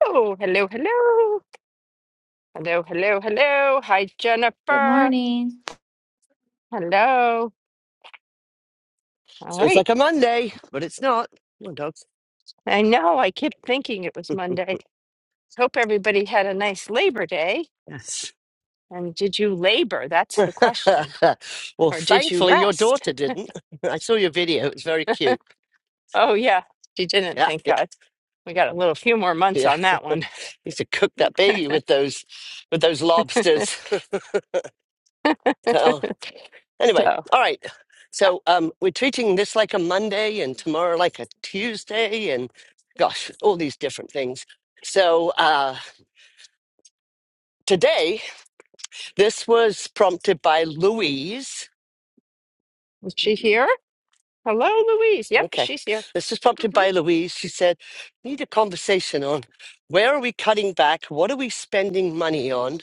Hello, hello, hello. Hello, hello, hello. Hi, Good Jennifer. morning. Hello. All So it's right. like a Monday, but it's not. Come on, dogs. I know I kept thinking it was Monday. Hope everybody had a nice Labor Day. Yes. And did you labor? That's the question. well, Or did you thankfully, your rest? daughter didn't. I saw your video. It was very cute. Oh, yeah. She didn't, Yeah, thank yeah, God. We got a little few more months on that yeah. one. used to cook that baby with those with those lobsters. so, anyway, so, all right. uh, So um, we're treating this like a Monday and tomorrow like a Tuesday and gosh, all these different things. So uh, today, this was prompted by Louise. is she here? Hello, Louise. Yep, Okay. she's here. This is prompted hmm by Louise. She said, need a conversation on where are we cutting back? What are we spending money on?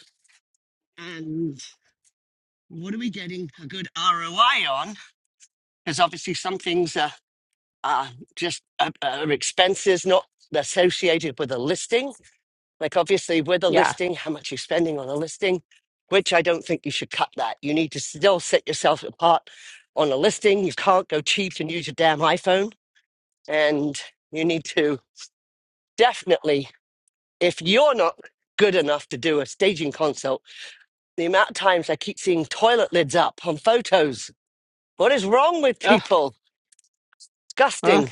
And what are we getting a good ROI on? Because obviously some things are, are just uh, are expenses not associated with a listing. Like obviously with a Yeah. listing, how much you're spending on a listing, which I don't think you should cut that. You need to still set yourself apart on a listing. You can't go cheap and use your damn iPhone. And you need to definitely if you're not good enough to do a staging consult the amount of times i keep seeing toilet lids up on photos what is wrong with people Ugh. disgusting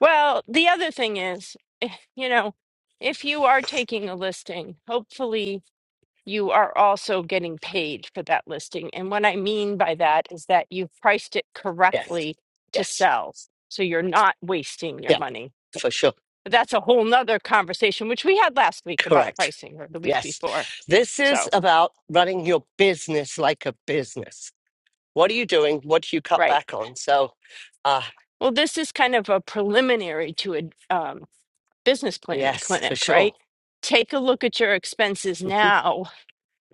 Well, the other thing is, eh, you know, if you are taking a listing, hopefully you are also getting paid for that listing. And what I mean by that is that you've priced it yes correctly to yes sell. So you're not wasting your yeah money. for sure But that's a whole nother conversation, which we had last week about correct pricing or the week yes before. this is So, about running your business like a business what are you doing what do you cut right. back on so uh Well, this is kind of a preliminary to a um, business planning yes for clinic, sure right? Take a look at your expenses Mm-hmm. now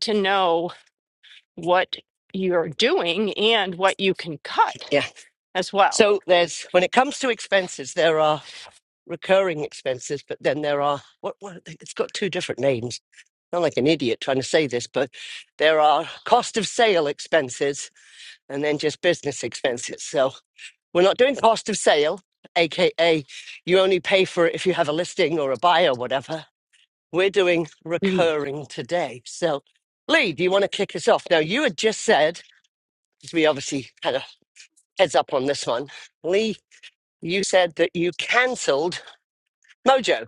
to know what you're doing and what you can cut yeah as well. so there's when it comes to expenses there are recurring expenses, but then there are what what it's got two different names. I'm like an idiot trying to say this, but there are cost of sale expenses and then just business expenses. So we're not doing cost of sale, aka you only pay for it if you have a listing or a buy or whatever. We're doing Mm. recurring today. So Lee, do you want to kick us off? Now you had just said, as we obviously had a heads up on this one, Lee, you said that you cancelled Mojo.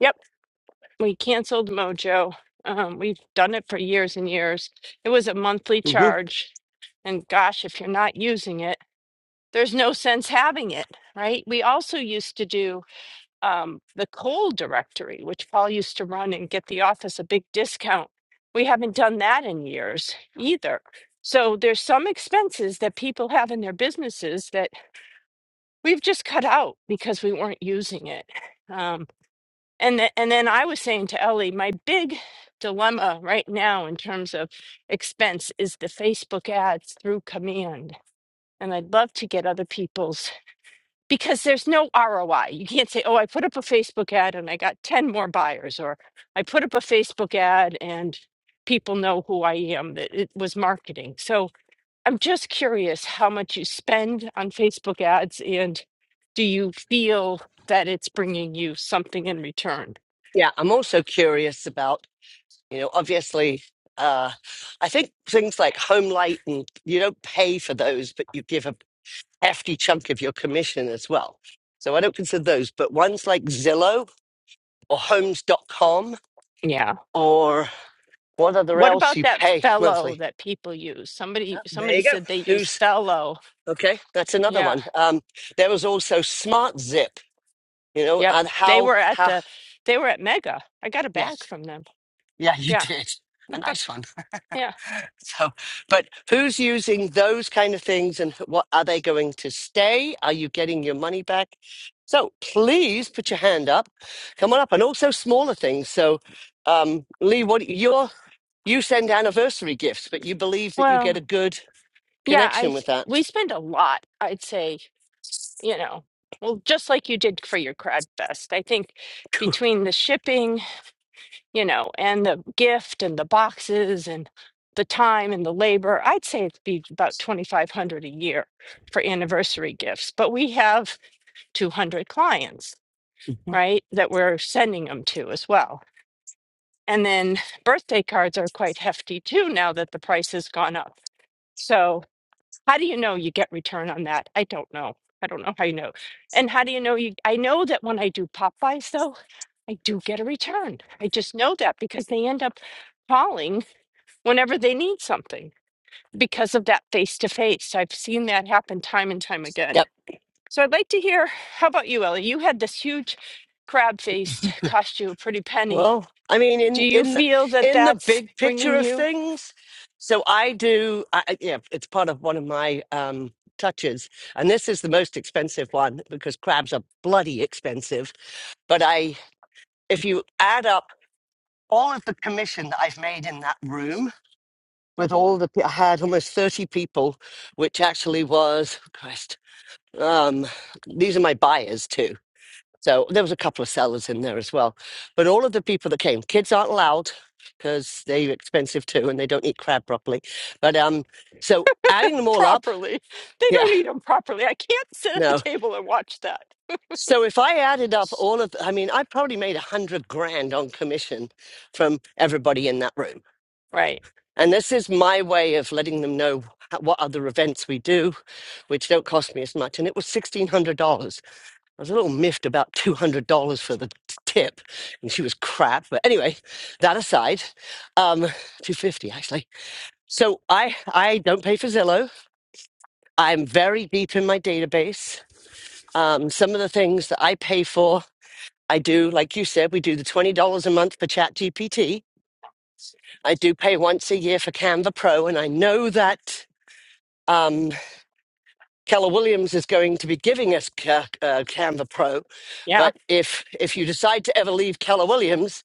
Yep, we canceled Mojo. Um, we've done it for years and years. It was a monthly charge. And gosh, if you're not using it, there's no sense having it, right? We also used to do um, the coal directory, which Paul used to run and get the office a big discount. We haven't done that in years either. So there's some expenses that people have in their businesses that we've just cut out because we weren't using it. Um, and th- and then I was saying to Ellie, my big dilemma right now in terms of expense is the Facebook ads through command, and I'd love to get other people's because there's no ROI. You can't say, "Oh, I put up a Facebook ad and I got ten more buyers," or "I put up a Facebook ad and people know who I am." That it was marketing. So I'm just curious how much you spend on Facebook ads and do you feel that it's bringing you something in return? Yeah, I'm also curious about, you know, obviously, uh, I think things like home light and you don't pay for those, but you give a hefty chunk of your commission as well. So I don't consider those, but ones like Zillow or Homes dot com Yeah. or what other What else about you that pay fellow monthly. that people use? Somebody Ah, there somebody you go. said they use Who's fellow. okay? That's another Yeah. one. Um, there was also Smart Zip, you know, Yep. and They how, were at how, the they were at Mega. I got a bag yes, from them. yeah, you Yeah. did. A nice one. Yeah. So, but who's using those kind of things and wh- what are they going to stay? Are you getting your money back? So please put your hand up. Come on up. And also smaller things. So, um, Lee, what you're, you send anniversary gifts, but you believe that you Well, get a good yeah, I connection s- with that. we spend a lot, I'd say, you know. Well, just like you did for your Crowd Fest. I think Cool. between the shipping you know, and the gift and the boxes and the time and the labor. I'd say it'd be about 2500 a year for anniversary gifts, but we have 200 clients, Mhm. right, that we're sending them to as well. And then birthday cards are quite hefty too now that the price has gone up. So, how do you know you get return on that? I don't know. I don't know how you know. And how do you know you I know that when I do Popeyes though, I do get a return. I just know that because they end up calling whenever they need something because of that face to face. I've seen that happen time and time Yep. again. So I'd like to hear how about you, Ellie? You had this huge crab feast, cost you a pretty penny. Well, I mean, Do in you in the feel that in the that's big picture bringing of you things, so I do. I, I- yeah, it's part of one of my um, touches, and this is the most expensive one because crabs are bloody expensive. But I, if you add up all of the commission that I've made in that room with all the, pe- I had almost 30 people, which actually was, Christ, um, these are my buyers too. So there was a couple of sellers in there as well. But all of the people that came, kids aren't allowed because they're expensive too and they don't eat crab properly. But um, so adding them all up, properly? They yeah, don't eat them properly. I can't sit at the no. table and watch that. So if I added up all of, I mean, I probably made a hundred grand on commission from everybody in that room. Right. And this is my way of letting them know what other events we do, which don't cost me as much. And it was $1,600. I was a little miffed about $200 for the t- tip, and she was crap. But anyway, that aside, um, 250 actually. So I, I don't pay for Zillow. I'm very deep in my database. Um, some of the things that I pay for, I do, like you said, we do the $20 a month for Chat GPT. I do pay once a year for Canva Pro, and I know that um, Keller Williams is going to be giving us Ca- uh, Canva Pro. Yeah. But if if you decide to ever leave Keller Williams,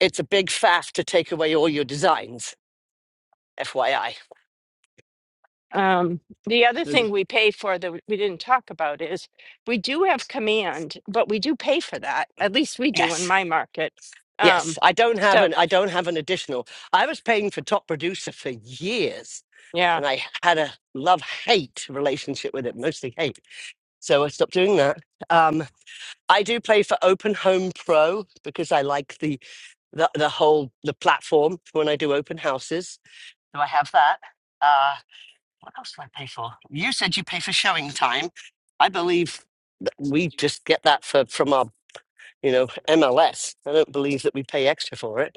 It's a big faff to take away all your designs, FYI. Um, the other thing And- we pay for that we didn't talk about is we do have command, but we do pay for that. At least we do in Yes. my market. Yes. Um, I don't have so, an I don't have an additional. I was paying for top producer for years yeah. and I had a love hate relationship with it, mostly hate. So I stopped doing that. Um I do play for Open Home Pro because I like the the, the whole the platform for when I do open houses. So I have that. Uh what else do I pay for? You said you pay for showing time. I believe we just get that for from our you know MLS. I don't believe that we pay extra for it.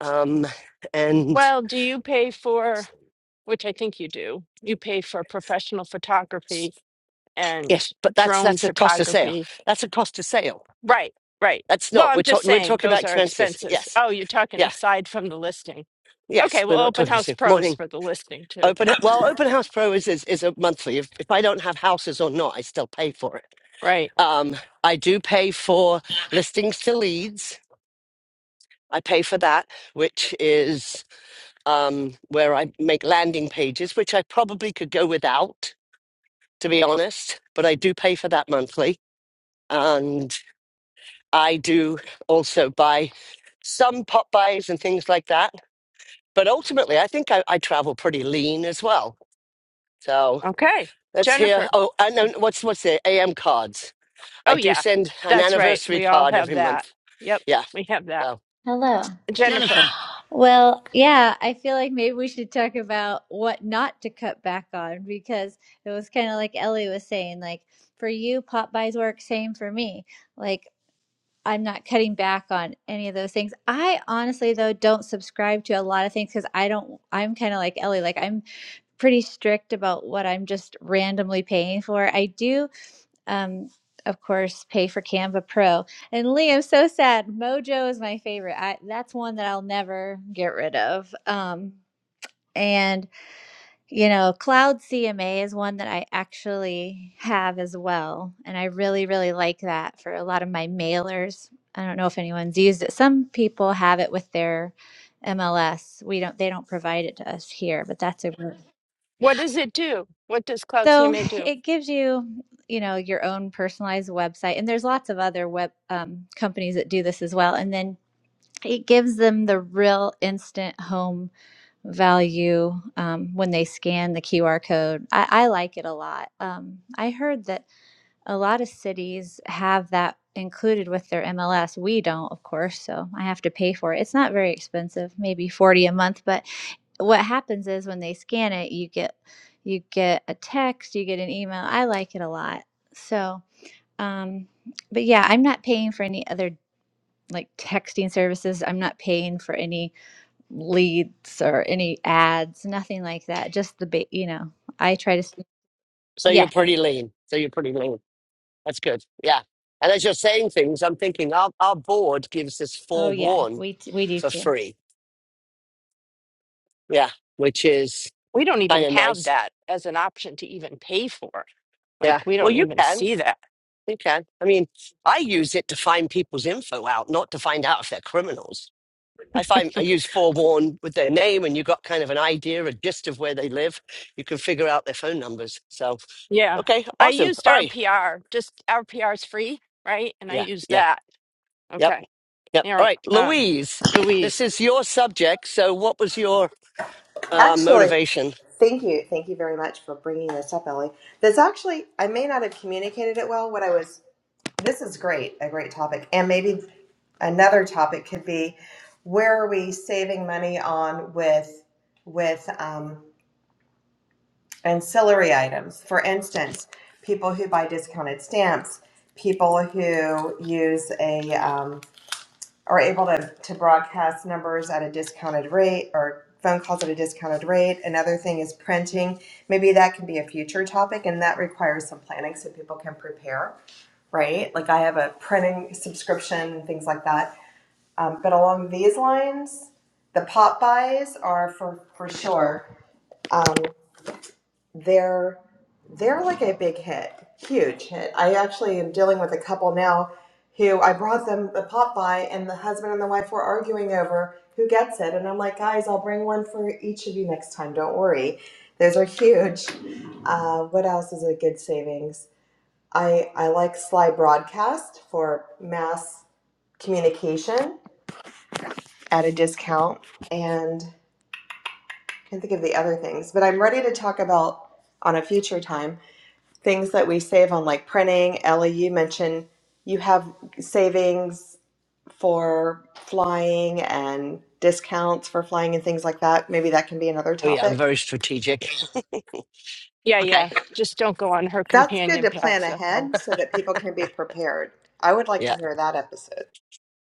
Um, and Well, do you pay for, which I think you do, you pay for professional s- photography and yes, but that's drone that's a cost of sale. photography. That's a cost of sale. Right, right. That's Well, not I'm we're just talking we're saying talking about those are expenses. expenses. Yes, Oh, you're talking yeah, aside from the listing. yes. Okay, We're well, not open talking this house pros morning. for the listing too. Open h- well, Open House Pro is is, is a monthly. If, if I don't have houses or not, I still pay for it. Right. Um, I do pay for listings to leads. I pay for that, which is um, where I make landing pages, which I probably could go without, to be honest, but I do pay for that monthly. And I do also buy some pop buys and things like that. But ultimately, I think I, I travel pretty lean as well. So Okay. let's hear. Jennifer. Oh, and then what's what's the AM cards? I Oh, do yeah, send an that's right. anniversary We all card have every that. month. Yep, Yeah. we have that. So Hello. Jennifer, Jennifer, Well, yeah, I feel like maybe we should talk about what not to cut back on because it was kind of like Ellie was saying, like for you, Popeyes work, same for me. Like I'm not cutting back on any of those things. I honestly though don't subscribe to a lot of things because I don't I'm kind of like Ellie, like I'm pretty strict about what I'm just randomly paying for. I do um, of course, pay for Canva Pro. And Liam. so sad. Mojo is my favorite. I, that's one that I'll never get rid of. Um, and, you know, Cloud CMA is one that I actually have as well. And I really, really like that for a lot of my mailers. I don't know if anyone's used it. Some people have it with their MLS. We don't, they don't provide it to us here, but that's a, really what does it do? What does Cloud So CMA do? it gives you, you know, your own personalized website, and there's lots of other web um, companies that do this as well. And then it gives them the real instant home value um, when they scan the QR code. I, I like it a lot. Um, I heard that a lot of cities have that included with their MLS. We don't, of course, so I have to pay for it. It's not very expensive, maybe 40 a month, but what happens is when they scan it, you get you get a text, you get an email. I like it a lot. So, um but yeah, I'm not paying for any other like texting services. I'm not paying for any leads or any ads, nothing like that. Just the ba- you know, I try to s- so you're yeah. pretty lean. So you're pretty lean. That's good. Yeah. And as you're saying things, I'm thinking our, our board gives us Oh yeah, forewarn we t- we do for too. free. Yeah. Which is We don't kind even of have nice. that as an option to even pay for. Like Yeah. we Well, don't you even can. see that. You can. I mean, I use it to find people's info out, not to find out if they're criminals. I find I use forewarn with their name and you got kind of an idea, a gist of where they live. You can figure out their phone numbers. So, Yeah. okay. I Awesome. used All right. RPR. Just RPR is free, right? And I Yeah. used Yeah. that. Yep. Okay. Yep. All Yeah. right. Um, Louise, this Louise. is your subject. So, what was your Uh, Actually, motivation. thank you. Thank you very much for bringing this up, Ellie. There's actually, I may not have communicated it well. What I was, this is great, a great topic. And maybe another topic could be where are we saving money on with, with um, ancillary items? For instance, people who buy discounted stamps, people who use a, um, are able to, to broadcast numbers at a discounted rate or phone calls at a discounted rate. Another thing is printing. Maybe that can be a future topic and that requires some planning so people can prepare, right? Like I have a printing subscription and things like that. Um, but along these lines, the pop buys are for, for sure. Um, they're they're like a big hit, huge hit. I actually am dealing with a couple now who I brought them the pot by, and the husband and the wife were arguing over who gets it. And I'm like, guys, I'll bring one for each of you next time. Don't worry, those are huge. Uh, what else is a good savings? I I like Sly Broadcast for mass communication at a discount, and I can't think of the other things, but I'm ready to talk about on a future time things that we save on like printing. Ellie, you mentioned you have savings for flying and discounts for flying and things like that. Maybe that can be another Oh yeah, I'm topic. very strategic. Yeah, Okay. yeah. Just don't go on her That's good companion to plan pass. That's all. ahead so that people can be prepared. I would like Yeah. to hear that episode.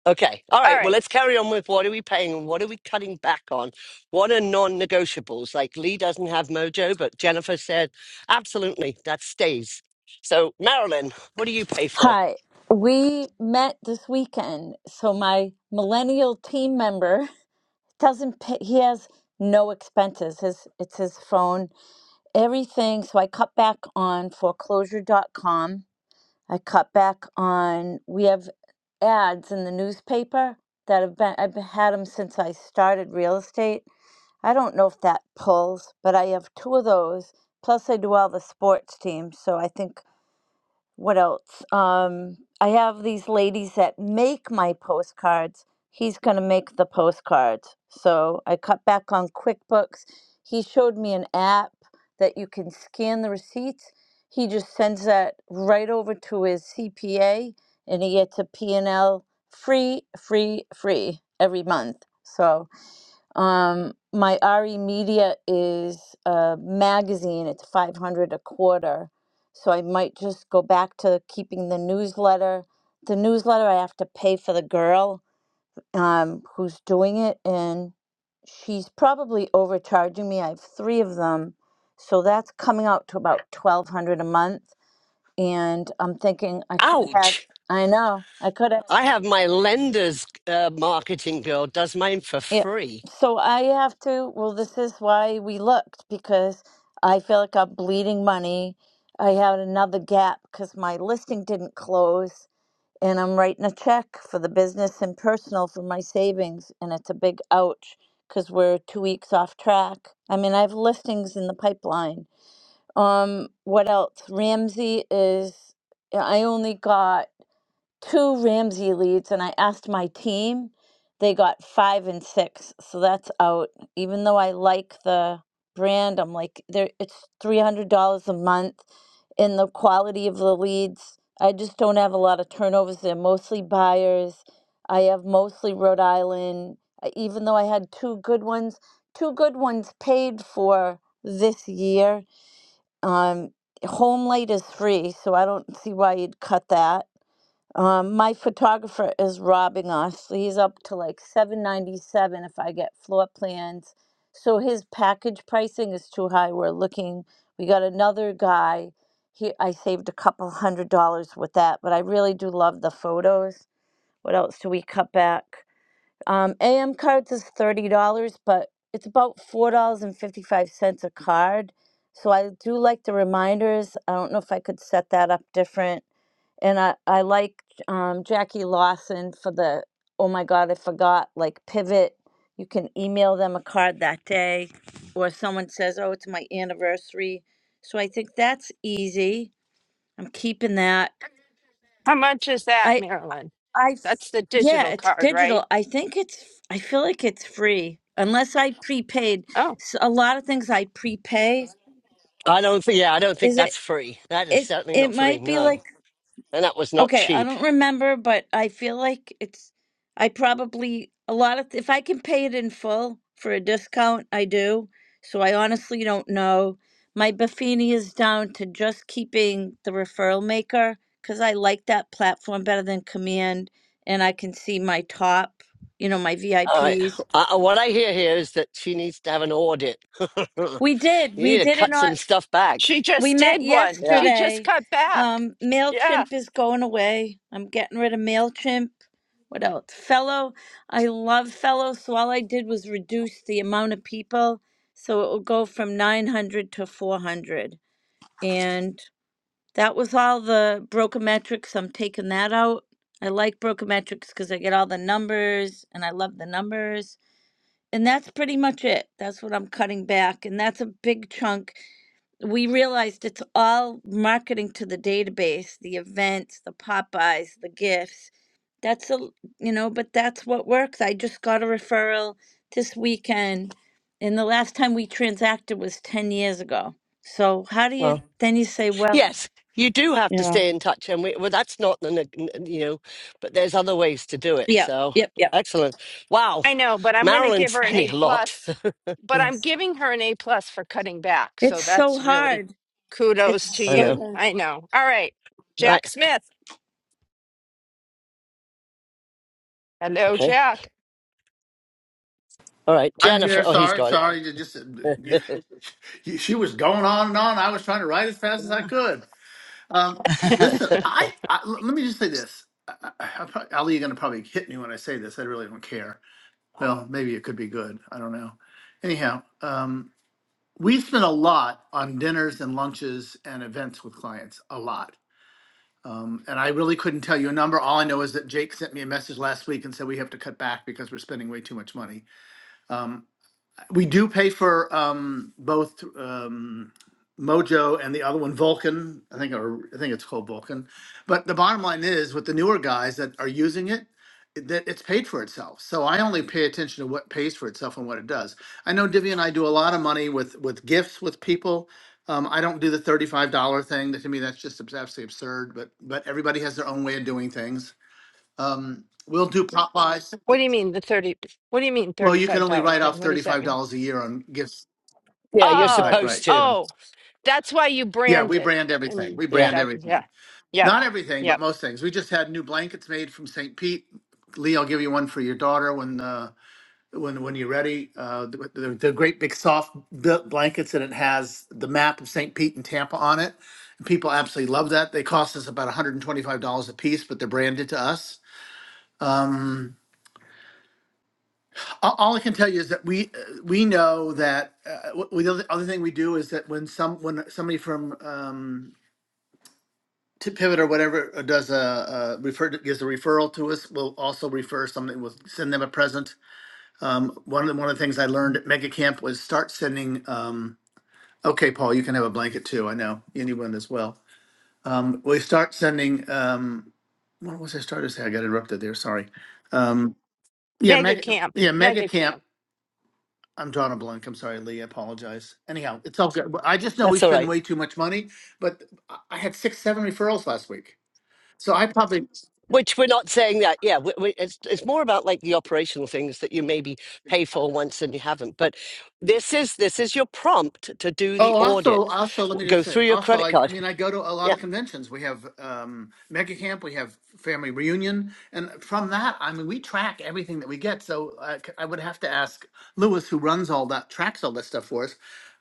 Okay. All All right. Well, right. let's carry on with what are we paying and what are we cutting back on? What are non-negotiables? Like Lee doesn't have mojo, but Jennifer said absolutely that stays. So Marilyn, what do you pay for? Hi. We met this weekend, so my millennial team member doesn't pay, he has no expenses. His it's his phone, everything. So I cut back on foreclosure.com. I cut back on we have ads in the newspaper that have been I've had them since I started real estate. I don't know if that pulls, but I have two of those. Plus I do all the sports teams, so I think what else? Um, I have these ladies that make my postcards. He's going to make the postcards. So I cut back on QuickBooks. He showed me an app that you can scan the receipts. He just sends that right over to his CPA and he gets a P and l free, free, free every month. So um, my RE Media is a magazine, it's 500 a quarter. So I might just go back to keeping the newsletter. The newsletter, I have to pay for the girl um, who's doing it, and she's probably overcharging me. I have three of them. So that's coming out to about 1200 a month. And I'm thinking I could have had, Ouch! I know, I could I have. have my lender's uh, marketing girl does mine for Yeah. free. So I have to, well, this is why we looked because I feel like I'm bleeding money. I had another gap because my listing didn't close, and I'm writing a check for the business and personal for my savings, and it's a big ouch because we're two weeks off track. I mean, I have listings in the pipeline. Um, what else? Ramsey is, I only got two Ramsey leads, and I asked my team. They got five and six, so that's out. Even though I like the brand, I'm like, there. It's three hundred dollars a month, and the quality of the leads. I just don't have a lot of turnovers. They're mostly buyers. I have mostly Rhode Island. uh, Even though I had two good ones, two good ones paid for this year. Um, home light is free, so I don't see why you'd cut that um, my photographer is robbing us. He's up to like seven ninety seven if I get floor plans. So his package pricing is too high. We're looking. We got another guy. He I saved a couple hundred dollars with that, but I really do love the photos. What else do we cut back? Um, AM cards is thirty dollars, but it's about four dollars and fifty five cents a card. So I do like the reminders. I don't know if I could set that up different. And I I like um, Jackie Lawson for the oh my god I forgot like pivot. You can email them a card that day, or someone says oh it's my anniversary. So I think that's easy. I'm keeping that. How much is that, I. Marilyn? I f- That's the yeah, digital it's card, right? digital. I think it's I feel like it's free unless I prepaid. Oh, S a a lot of things I prepay. I don't think. Yeah, I don't think Is it that's free. That is it certainly it not free. might be like No, and that was not Okay, I cheap. don't remember, but I feel like it's I probably a lot of if I can pay it in full for a discount, I do. So I honestly don't know. My Buffini is down to just keeping the referral maker because I like that platform better than Command, and I can see my top, you know, my All right. VIPs. Uh, uh, what I hear here is that she needs to have an audit. you We did, we need to did it cut on. some stuff back. she We just met did one. Yeah. She just yesterday. cut back. Um, Yeah. MailChimp is going away. I'm getting rid of MailChimp. What else? Fellow. I love Fellow, so all I did was reduce the amount of people. So it will go from 900 to 400. And that was all the Brokermetrics. I'm taking that out. I like Brokermetrics because I get all the numbers and I love the numbers. And that's pretty much it. That's what I'm cutting back. And that's a big chunk we realized it's all marketing to the database, the events, the Popeyes, the gifts. That's a, you know, but that's what works. I just got a referral this weekend, and the last time we transacted was 10 years ago. So how do you Well, Mhm. then you say, well, yes, you do have you to know, stay in touch, and we, well, that's not the neg- n- you know, but there's other ways to do it. yeah, So yep, yep. excellent. Wow, I know, but I'm going to Marilyn's give her an spending A a lot. plus. But I'm Yes. giving her an A plus for cutting back. It's So so that's really hard. kudos to It's I so know. you. hard. I know. All right, Right. Jack Smith. Hello, Okay. Jack. All right, I'm Jennifer. here. Oh, he's Sorry, got it. sorry. You just you- you- she was going on and on. I was trying to write as fast as I Yeah. could. Um, listen, I, I l- let me just say this. I, I, I prob- Ali, you're gonna probably hit me when I say this. I really don't care. Well, maybe it could be good. I don't know. Anyhow, um, we spend a lot on dinners and lunches and events with clients. A lot. Um, and I really couldn't tell you a number. All I know is that Jake sent me a message last week and said we have to cut back because we're spending way too much money. Um, we do pay for um, both um, Mojo and the other one, Vulcan. I think, or I think it's called Vulcan. But the bottom line is, with the newer guys that are using it, that it's paid for itself. So I only pay attention to what pays for itself and what it does. I know Divya and I do a lot of money with with gifts with people. Um, I don't do the thirty-five dollar thing. That to me, that's just abs- absolutely absurd. But but everybody has their own way of doing things. Um, we'll do pop buys. What do you mean the thirty? What do you mean Well, you can thirty-five only dollars write thing? off What does that thirty-five mean? dollars a year on gifts yeah, you're Right, Oh, right, supposed to. right. oh, that's why you Yeah, brand we it. brand everything. And We Yeah, brand that, everything. yeah, yep, Not everything, but yep. most things. We just had new blankets made from St. Pete. Lee, I'll give you one for your daughter when uh, when when you're ready. Uh, they're, they're great big soft built blankets, and it has the map of St. Pete and Tampa on it. And people absolutely love that. They cost us about $125 a piece, but they're branded to us. Um, all, all I can tell you is that we uh, we know that uh, w- the other, other thing we do is that when some when somebody from um, to pivot or whatever uh, does a, a refer gives a referral to us. We'll also refer something. We'll send them a present. Um, one of the one of the things I learned at Mega Camp was start sending. Um, okay, Paul, you can have a blanket too. I know anyone as well. Um, we start sending. Um, what was I started to say? I got interrupted there. Sorry. Um, yeah, Mega Mega. camp, Yeah, Mega mega Camp. camp. I'm drawing a blank. I'm sorry, Lee. I apologize. Anyhow, it's all good. I just know we that's all right. spend way too much money, but I I had six, seven referrals last week. So I probably Which we're not saying that, yeah. We, we, it's it's more about like the operational things that you maybe pay for once and you haven't. But this is this is your prompt to do Oh, the also, audit. also, let me W- just Go say, through your also, credit like, I card. mean, I go to a lot Yeah, of conventions. We have um, Mega Camp, we have Family Reunion, and from that, I mean, we track everything that we get. So I, c- I would have to ask Lewis, who runs all that, tracks all that stuff for us.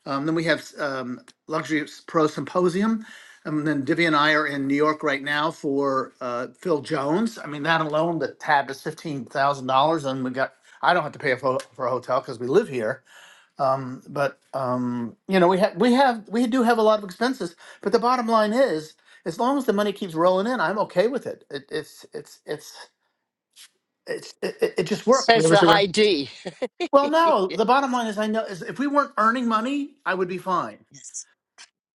Um, then we have um, Luxury Pro Symposium, and then Divya and I are in New York right now for uh, Phil Jones. I mean, that alone, the tab is fifteen thousand dollars, and we got. I don't have to pay for for a hotel because we live here um, but um, you know, we have we have we do have a lot of expenses, but the bottom line is, as long as the money keeps rolling in, I'm okay with it. it it's it's it's it's it, it it just worked. says Really. the high D. Well, no, Y- the bottom line is, I know is if we weren't earning money, I would be fine. Yes,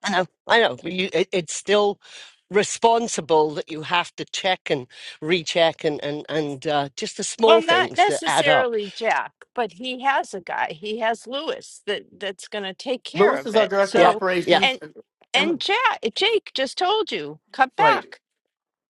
I know, I know. but You, it, it's still responsible that you have to check and recheck and and and uh, just the Well, small not things that add up. necessarily Jack, but he has a guy. He has Lewis that that's going to take care Lewis of is our it. director of Yeah, So, yeah, operations, and and and Jack, Jake just told you, cut right, back.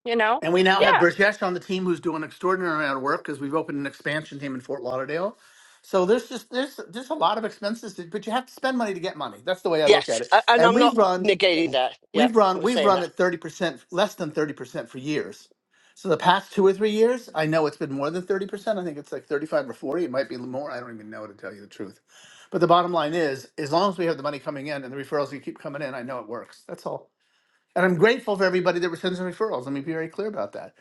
You know, And we now yeah. have yeah. Burjesh on the team who's doing an extraordinary amount of work because we've opened an expansion team in Fort Lauderdale. So there's just there's there's a lot of expenses, to- but you have to spend money to get money. That's the way I look Yes, at it. a- and And I'm not we've run negating that. Yeah, we've run we're we've saying run that. at 30% less than 30% for years. So the past two or three years, I know it's been more than 30%. I think it's like 35 or 40. It might be more. I don't even know to tell you the truth. But the bottom line is, as long as we have the money coming in and the referrals you keep coming in, I know it works. That's all. And I'm grateful for everybody that sends referrals. Let me be very clear about that.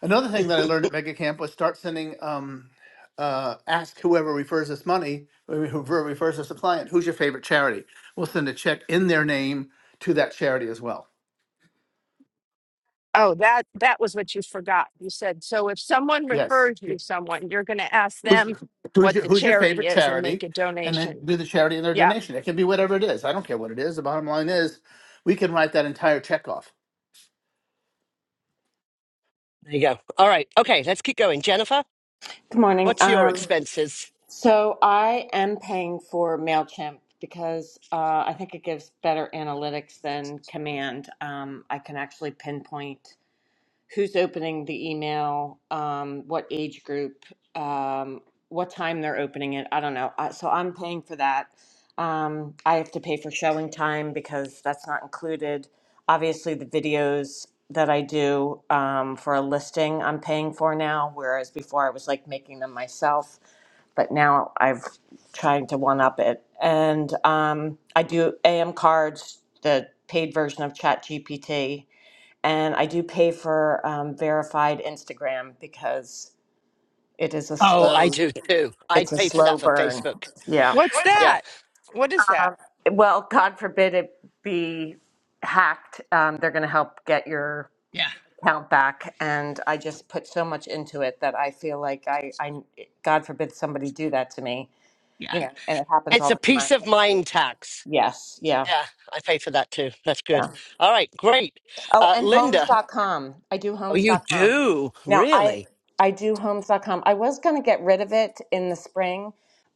Another thing that I learned at Mega Camp was start sending, um, uh, ask whoever refers us money, whoever refers us a client, who's your favorite charity? We'll send a check in their name to that charity as well. Oh, that that was what you forgot. You said so. If someone Yes. refers you Yeah. to someone, you're going to ask Who's, them who's, what your, the who's your charity favorite is and make charity? a And then donation. do the charity and their Yeah. donation. It can be whatever it is. I don't care what it is. The bottom line is we can write that entire check off There you go. All right. Okay, let's keep going. Jennifer, Good morning. what's your Um, expenses? so I am paying for MailChimp because uh, I think it gives better analytics than Command. Um, I can actually pinpoint who's opening the email, um, what age group, um, what time they're opening it. I don't know. Uh, So I'm paying for that. Um, I have to pay for showing time because that's not included. Obviously, the videos that I do um, for a listing, I'm paying for now, whereas before I was like making them myself but now I've tried to one up it. And um, I do AM cards, the paid version of ChatGPT and I do pay for um, verified Instagram because it is a Oh, I slow do too. it's I'd a pay for slow that for burn. Facebook. Yeah. What's Yeah. that? What is that? Well, God forbid it be hacked. Um, they're going to help get your Yeah, account back, and I just put so much into it that I feel like I, I God forbid somebody do that to me. yeah. You know, and it happens It's all a the peace time. of mind tax. Yes. Yeah. Yeah, I pay for that too. That's good. Yeah. All right, great. Oh, Uh, and Homes Linda, dot com. I do oh, Homes you dot com. do? Now, I Really? I do Homes dot com. I was going to get rid of it in the spring,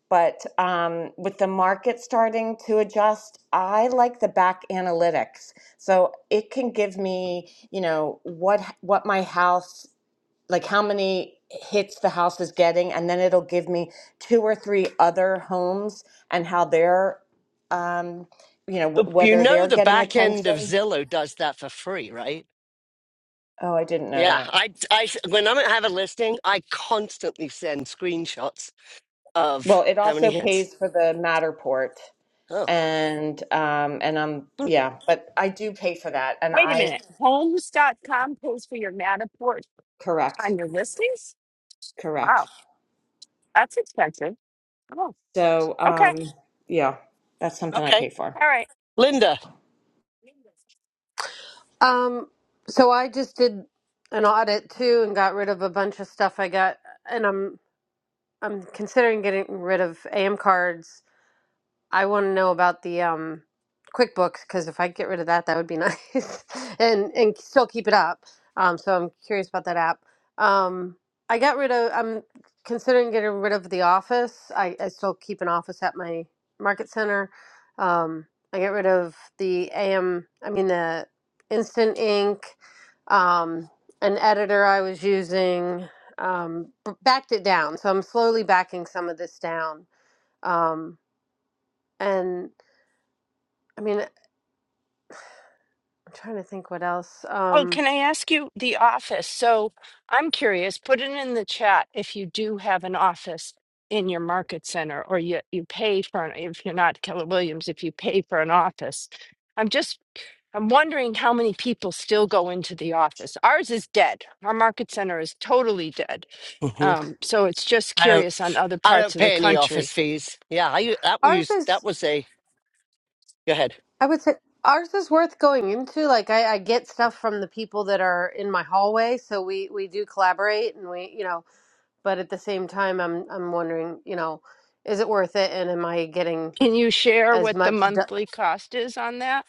but um, with the market starting to adjust, I like the back analytics. So it can give me, you know, what what my house like how many hits the house is getting and then it'll give me two or three other homes and how they're um, you know, The- wh- You whether know they're the getting back end of attention. Zillow does that for free, right? Oh, I didn't know Yeah, that. I, I when I have a listing, I constantly send screenshots of Well, it how many also hits. pays for the Matterport Oh, and um and I'm hmm, yeah, but I do pay for that and Wait a I minute. Homes dot com pays for your Matterport correct, on your listings? correct. Wow, that's expensive. Oh, So okay. um yeah, that's something I okay. pay for. All right. Linda. Um, so I just did an audit too and got rid of a bunch of stuff I got, and I'm I'm considering getting rid of AM cards I want to know about the um, QuickBooks because if I get rid of that, that would be nice, and and still keep it up. Um, so I'm curious about that app. Um, I got rid of. I'm considering getting rid of the office. I, I still keep an office at my market center. Um, I get rid of the AM. I mean the Instant Ink, um, an editor I was using. Um, b- backed it down, so I'm slowly backing some of this down. Um, and I mean, I'm trying to think what else. Well, Um, can I ask you the office? So I'm curious, put it in the chat if you do have an office in your market center or you, you pay for an, if you're not Keller Williams, if you pay for an office. I'm just, I'm wondering how many people still go into the office. Ours is dead. Our market center is totally dead. Um, so it's just I don't. curious on other I parts don't of the pay any office country. fees. Yeah, I u- that ours was is, that was a. Go ahead. I would say, ours is worth going into. Like, I, I get stuff from the people that are in my hallway, so we we do collaborate, and we, you know. But at the same time, I'm I'm wondering, you know, is it worth it, and am I getting Can you share as what the much? Do- monthly cost is on that?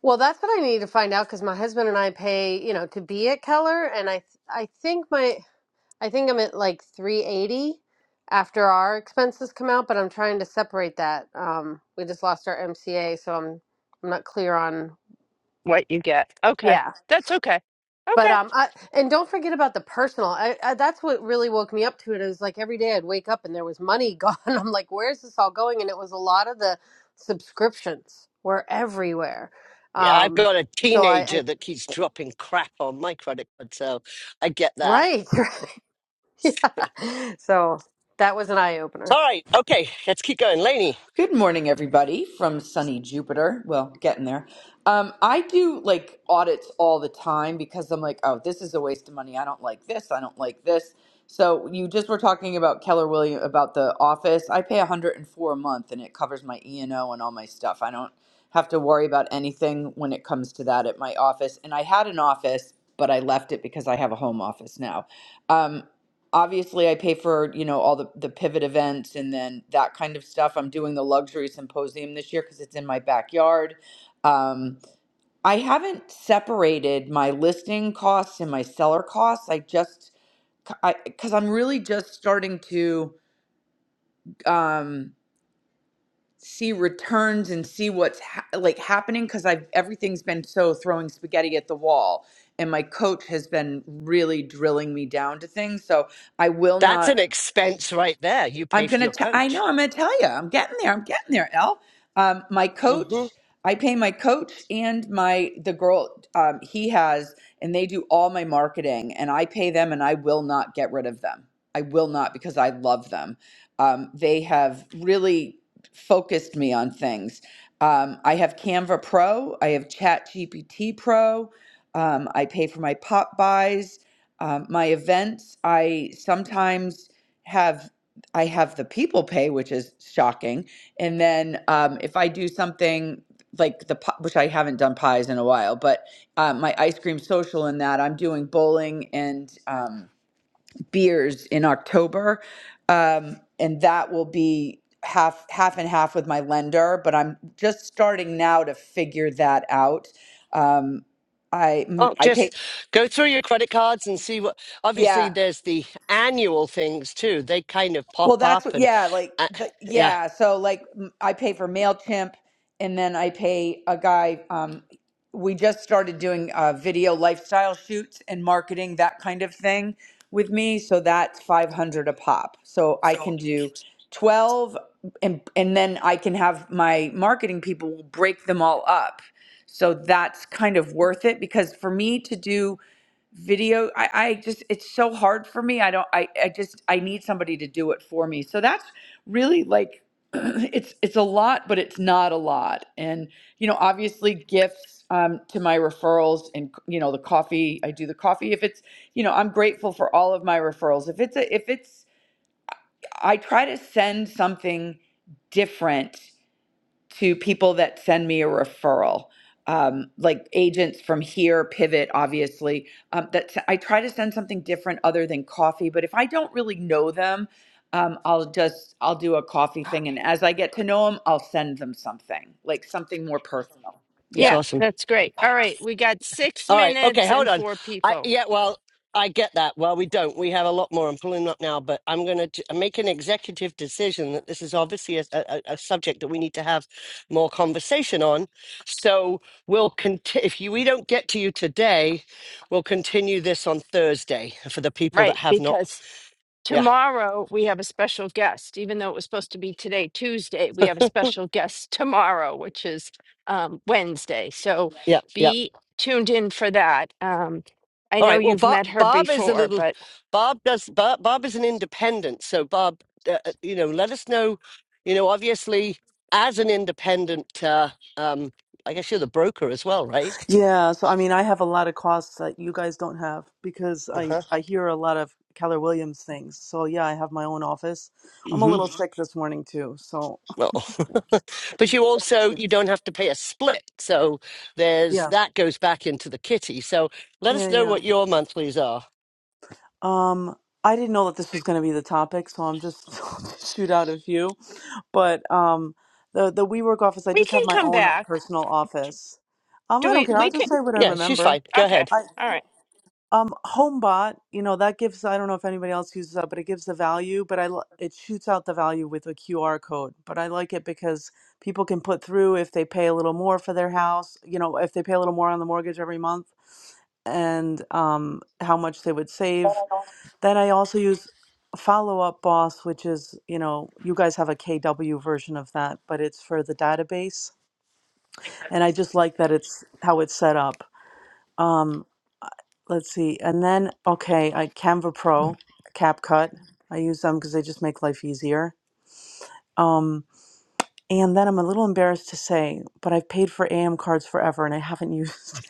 well, that's what I need to find out because my husband and I pay, you know, to be at Keller, and I I think my I think I'm at like 380 after our expenses come out, but I'm trying to separate that. Um, we just lost our MCA, so I'm I'm not clear on what you get. Okay. yeah. That's okay. But Okay. um, I, and don't forget about the personal. I, I, that's what really woke me up to it. It was like every day I'd wake up and there was money gone. I'm like, where's this all going? And it was a lot of the subscriptions were everywhere. Yeah, I've Um, got a so I, I teenager that keeps dropping crap on my credit card, so I get that. right, right, yeah. So that was an eye opener. All right, okay, let's keep going, Laney. Good morning, everybody from sunny Jupiter. Well, getting there. Um, I do like audits all the time because I'm like, oh, this is a waste of money. I don't like this. I don't like this. So you just were talking about Keller Williams about the office. I pay 104 a month, and it covers my E and O and all my stuff. I don't have to worry about anything when it comes to that at my office. And I had an office, but I left it because I have a home office now. Um, obviously I pay for, you know, all the, the pivot events and then that kind of stuff. I'm doing the luxury symposium this year because it's in my backyard. Um, I haven't separated my listing costs and my seller costs. I just, because I'm really just starting to um, see returns and see what's ha- like happening because I've everything's been so throwing spaghetti at the wall. And my coach has been really drilling me down to things. So I will That's not an expense right there. You I'm pay for gonna. your T- I coach. know. I'm gonna tell you. I'm getting there. I'm getting there. El, um, my hmm coach. I pay my coach and my the girl um, he has, and they do all my marketing, and I pay them, and I will not get rid of them. I will not because I love them. Um, they have really focused me on things. Um, I have Canva Pro. I have Chat GPT Pro. Um, I pay for my pop buys, um, my events. I sometimes have I have the people pay, which is shocking. And then um, if I do something like the pi- which I haven't done pies in a while, but uh, my ice cream social in that I'm doing bowling and um, beers in October, um, and that will be half half and half with my lender. But I'm just starting now to figure that out. Um, I mm, Oh, I pay. just go through your credit cards and see what. Yeah, Obviously, there's the annual things too. They kind of pop Well, that's up, what, and yeah, like uh, the yeah, yeah. So like m- I pay for Mailchimp, and then I pay a guy. Um, we just started doing uh, video lifestyle shoots and marketing that kind of thing with me. So that's five hundred a pop. So I can So, do twelve, and and then I can have my marketing people will break them all up. So that's kind of worth it because for me to do video I, I just it's so hard for me i don't I, I just i need somebody to do it for me so that's really like it's it's a lot but it's not a lot and you know obviously gifts um, to my referrals and you know the coffee i do the coffee if it's you know i'm grateful for all of my referrals if it's a if it's i try to send something different to people that send me a referral, um, like agents from here, Pivot, obviously. Um, that I try to send something different other than coffee. But if I don't really know them, um, I'll just I'll do a coffee thing, and as I get to know them, I'll send them something like something more personal. it's Yeah. Yeah, awesome. that's great. All right. We got six All right. Okay. minutes Hold and on. four I people. yeah. Well, I get that. Well, we don't. We have a lot more. I'm pulling up now, but I'm going to make an executive decision that this is obviously a, a, a subject that we need to have more conversation on. So we'll continue. If you, we don't get to you today, we'll continue this on Thursday for the people that Right. have not. Because Yeah. tomorrow we have a special guest, even though it was supposed to be today, Tuesday, we have a special guest tomorrow, which is um, Wednesday. So Yeah. Yeah. be tuned in for that. Um, I All know right. Well, you've Bob, met her Bob is a before, little. but Bob does. Bob, Bob is an independent. So, Bob, uh, uh, you know, let us know. You know, obviously, as an independent, uh, um, I guess you're the broker as well, right? Yeah, so I mean, I have a lot of costs that you guys don't have because Uh I huh. I hear a lot of Keller Williams things. So yeah, I have my own office. I'm a Mm-hmm. little Mhm. sick this morning too, so I'm Well, but you very also sick. you don't have to pay a split. So there's Yeah, that goes back into the kitty. So let yeah, us know yeah. what your monthlies are. Um, I didn't know that this was like going to be the topic, so I'm just shoot out a few. But um, the the WeWork office, I we just can have my come own back. personal office. Um, Do I don't we? care. We I'll can. just say what I Yeah, she's remember. fine. Go Okay. ahead. All right. Um, HomeBot, you know, that gives, I don't know if anybody else uses that, but it gives the value, but I, li- it shoots out the value with a QR code. But I like it because people can put through if they pay a little more for their house, you know, if they pay a little more on the mortgage every month and um, how much they would save. Then I also use Follow Up Boss, which is, you know, you guys have a KW version of that, but it's for the database. And I a- just like that it's how it's set up. Um, let's see. And then, okay, I Canva Pro, CapCut. I use them because they just make life easier. Um, and then I'm a little embarrassed to say, but I've paid for AM cards forever and I haven't used.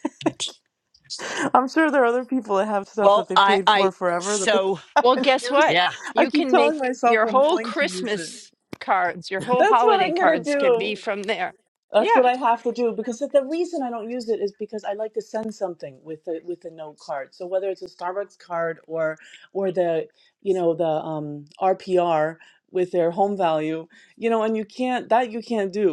I'm sure there are other people that have stuff that Well, they I, paid for I, forever that they so Well, haven't guess used. what? yeah. I You keep can telling make myself your I'm whole going to use it. Christmas cards, your whole That's what holiday I'm gonna cards can do. be from there. That's Yeah. what I have to do because the the reason I don't use it is because I like to send something with the with the note card. So whether it's a Starbucks card or or the you know the um RPR with their home value, you know, and you can't that you can't do.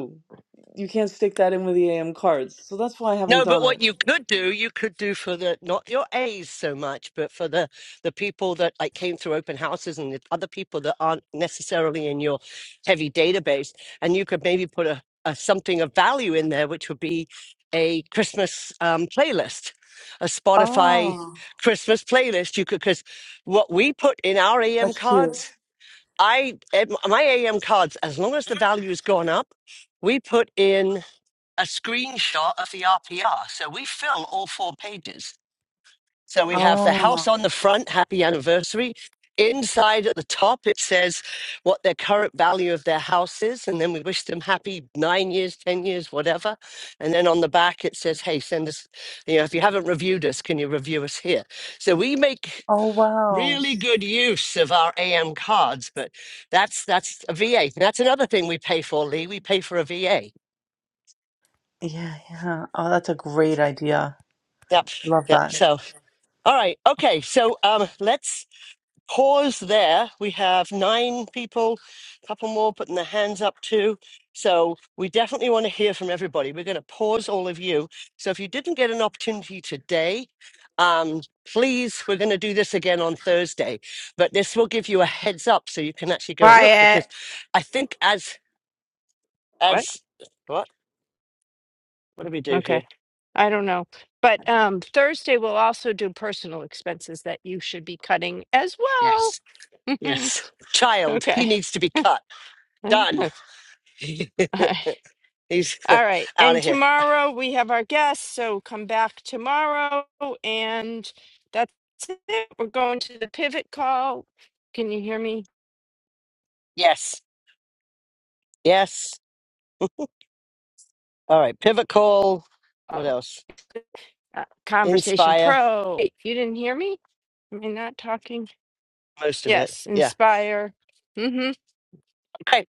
You can't stick that in with the AM cards. So that's why I haven't No, but done what it. you could do, you could do for the not your A's so much, but for the the people that like came through open houses and the other people that aren't necessarily in your heavy database, and you could maybe put a, a something of value in there, which would be a Christmas um, playlist, a Spotify Oh, Christmas playlist. You could because what we put in our AM that's cute. cards, I eh, my AM cards, as long as the value's gone up, we put in a screenshot of the RPR. So we fill all four pages. So we have the Oh, house on the front, happy anniversary. Inside at the top, it says what their current value of their house is. And then we wish them happy nine years, 10 years, whatever. And then on the back, it says, hey, send us, you know, if you haven't reviewed us, can you review us here? So we make oh wow. really good use of our AM cards, but that's that's a VA. That's another thing we pay for, Lee. We pay for a VA. Yeah, yeah. Oh, that's a great idea. Yep. Love Yep. that. So All right. Okay. So um, let's pause there. We have nine people, a couple more putting their hands up too. So we definitely want to hear from everybody. We're going to pause all of you. So if you didn't get an opportunity today, um, please, we're going to do this again on Thursday. But this will give you a heads up so you can actually go and look Quiet. because I think as What? as what what do we do Okay. here? I don't know. But um, Thursday we'll also do personal expenses that you should be cutting as well. Yes. Yes. Child, he okay. needs to be cut. All Done. He's right. out And of here. tomorrow we have our guests, so come back tomorrow. And that's it. We're going to the pivot call. Can you hear me? Yes. Yes. All right. Pivot Call. What else? uh, Conversation Inspire. Pro. Wait, you didn't hear me? Am I not talking? Most of it. Yes, Yeah. Inspire. Mm-hmm. Okay.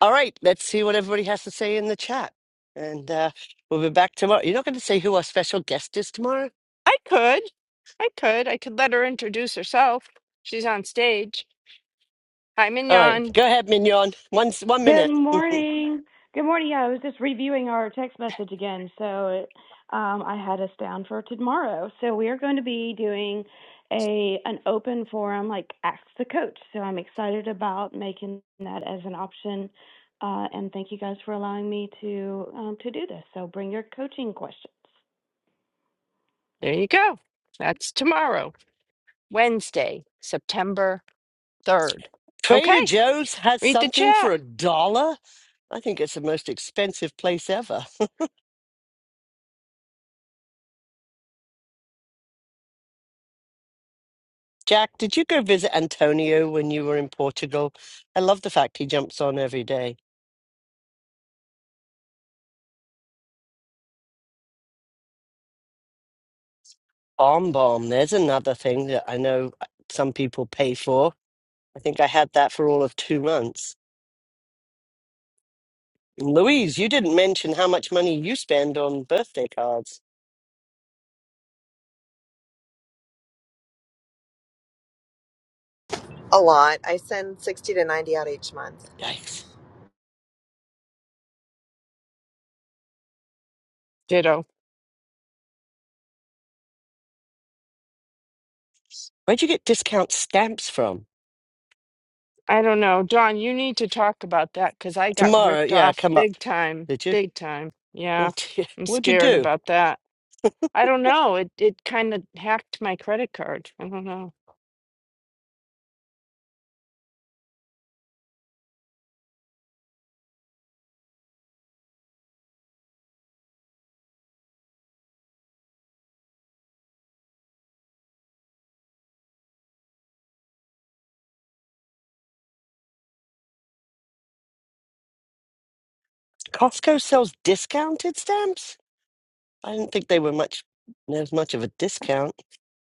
All right. Let's see what everybody has to say in the chat. And uh, we'll be back tomorrow. You're not going to say who our special guest is tomorrow? I could. I could. I could let her introduce herself. She's on stage. Hi, All right. Mignon. Go ahead, Mignon. One, s- one Good minute. morning. Good morning. Yeah, I was just reviewing our text message again. So it, um, I had us down for tomorrow. So we are going to be doing a an open forum, like ask the coach. So I'm excited about making that as an option. Uh, and thank you guys for allowing me to um, to do this. So bring your coaching questions. There you go. That's tomorrow, Wednesday, September 3rd. Trader Okay, Joe's has read the something chat. for a dollar? I think it's the most expensive place ever. Jack, did you go visit Antonio when you were in Portugal? I love the fact he jumps on every day. Bomb Bomb. There's another thing that I know some people pay for. I think I had that for all of two months. Louise, you didn't mention how much money you spend on birthday cards. A lot. I send 60 to 90 out each month. Yikes. Ditto. Where'd you get discount stamps from? I don't know. Dawn, you need to talk about that because I got Tomorrow, ripped yeah, off come up. big time. Did you? Big time. Yeah, Oh, dear. I'm What'd you scared do? about that. I don't know. It it kind of hacked my credit card. I don't know. Costco sells discounted stamps? I didn't think they were much, there's much of a discount.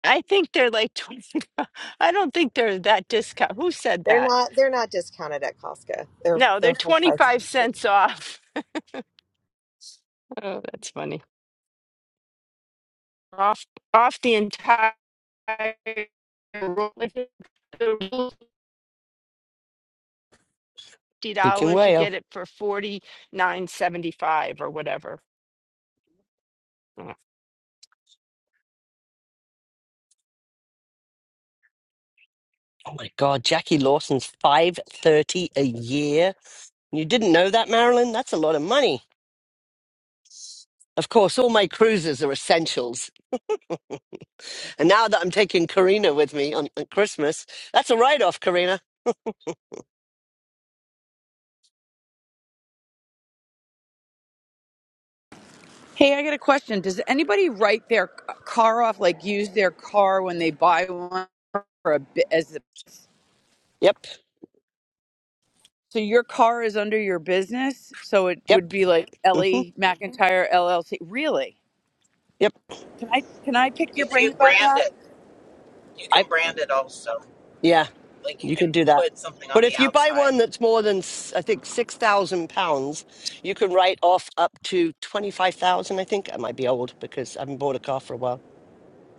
I think they're like 20. I don't think they're that discount. Who said They're that? not they're not discounted at Costco. They're No, they're they're full price. 25 cents off. Oh, that's funny. Off off the entire roll. If it- the roll's $50, Speaking you whale. get it for 49.75 or whatever. Oh. Oh my God, Jackie Lawson's 530 a year. You didn't know that, Marilyn? That's a lot of money. Of course, all my cruises are essentials. And now that I'm taking Karina with me on, on Christmas, that's a write off, Karina. Hey, I got a question. Does anybody write their c- car off, like use their car when they buy one for a bit as a Yep, So your car is under your business, so it yep, would be like hmm Ellie McIntyre LLC. Really? yep. Can I can I pick your If brain you about brand that? it, you I can brand it also. yeah, Like you you can can do that. put something But on the if you buy outside. one that's more than s- I think six thousand pounds, you can write off up to twenty five thousand. I think I might be old because I haven't bought a car for a while.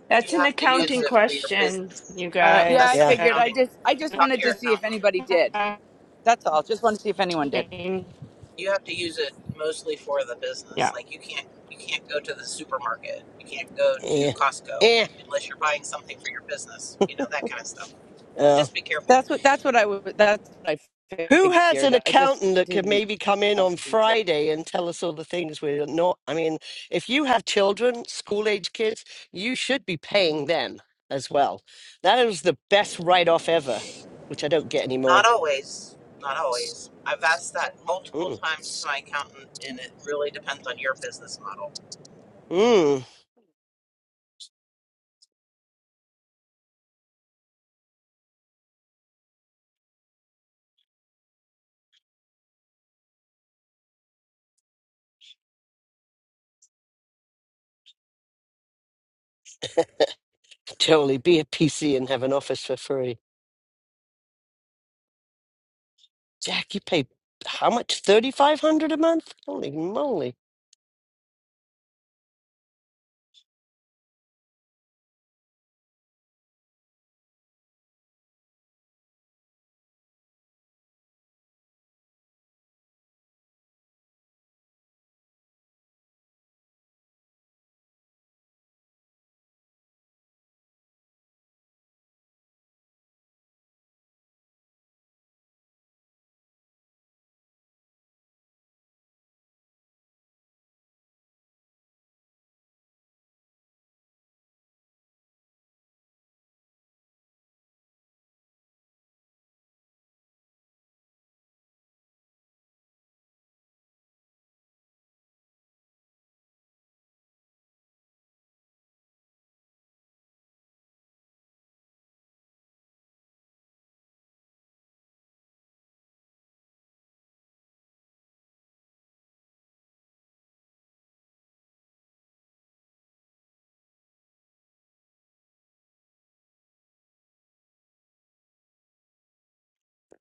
That's You an have to use accounting Okay. it for your question, business. you All Yeah, right. Yeah, that's I guys. an Yeah, figured. I That's accounting. just I just Talk to wanted your to see if accountant. anybody did. accounting. That's all. Just wanted to see if anyone did. You have to use it mostly for the Yeah. business. Like you can't you can't go to the supermarket. You can't go to yeah, Costco yeah. unless you're buying something for your business. You know, that kind of stuff. yeah. Just be careful. That's what that's what I would that's what I Who has figured. an I just accountant that could didn't maybe come in know if on they did. Friday and tell us all the things we're not? I mean, if you have children, school age kids, you should be paying them as well. That is the best write off ever, which I don't get anymore. Not always. Not always. I've asked that multiple Mm, times to my accountant and it really depends on your business model mm, totally be a PC and have an office for free. Jack, you pay how much? 3500 a month? Holy moly.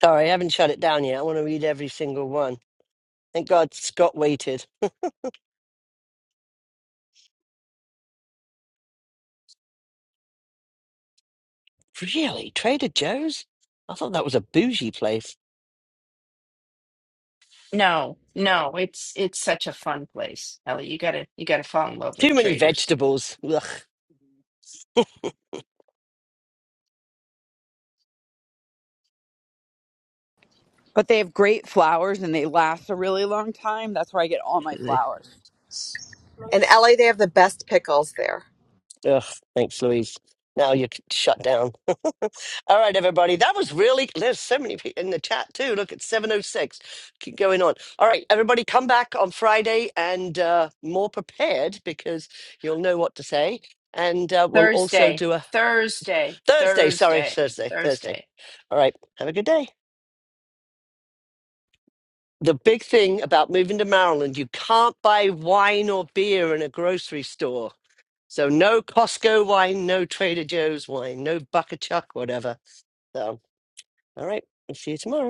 Sorry, I haven't shut it down yet. I want to read every single one. Thank God Scott waited. Really? Trader Joe's? I thought that was a bougie place. No, no, it's it's such a fun place. Ellie, you gotta you gotta fall in love with Too many traders. vegetables. Ugh. But they have great flowers and they last a really long time. That's where I get all my flowers. In LA they have the best pickles there. Ugh. Thanks, Louise. Now you're shut down. All right, everybody. That was really, there's so many people in the chat too. Look, it's 7.06. Keep going on. All right, everybody, come back on Friday and uh, more prepared because you'll know what to say. And uh, we'll also Thursday, do a Thursday, Thursday. Sorry, Thursday, Thursday. Thursday. Thursday. All right. Have a good day. the big thing about moving to Maryland, you can't buy wine or beer in a grocery store. So no Costco wine, no Trader Joe's wine, no Buck a Chuck, whatever. So, all right, I'll see you tomorrow.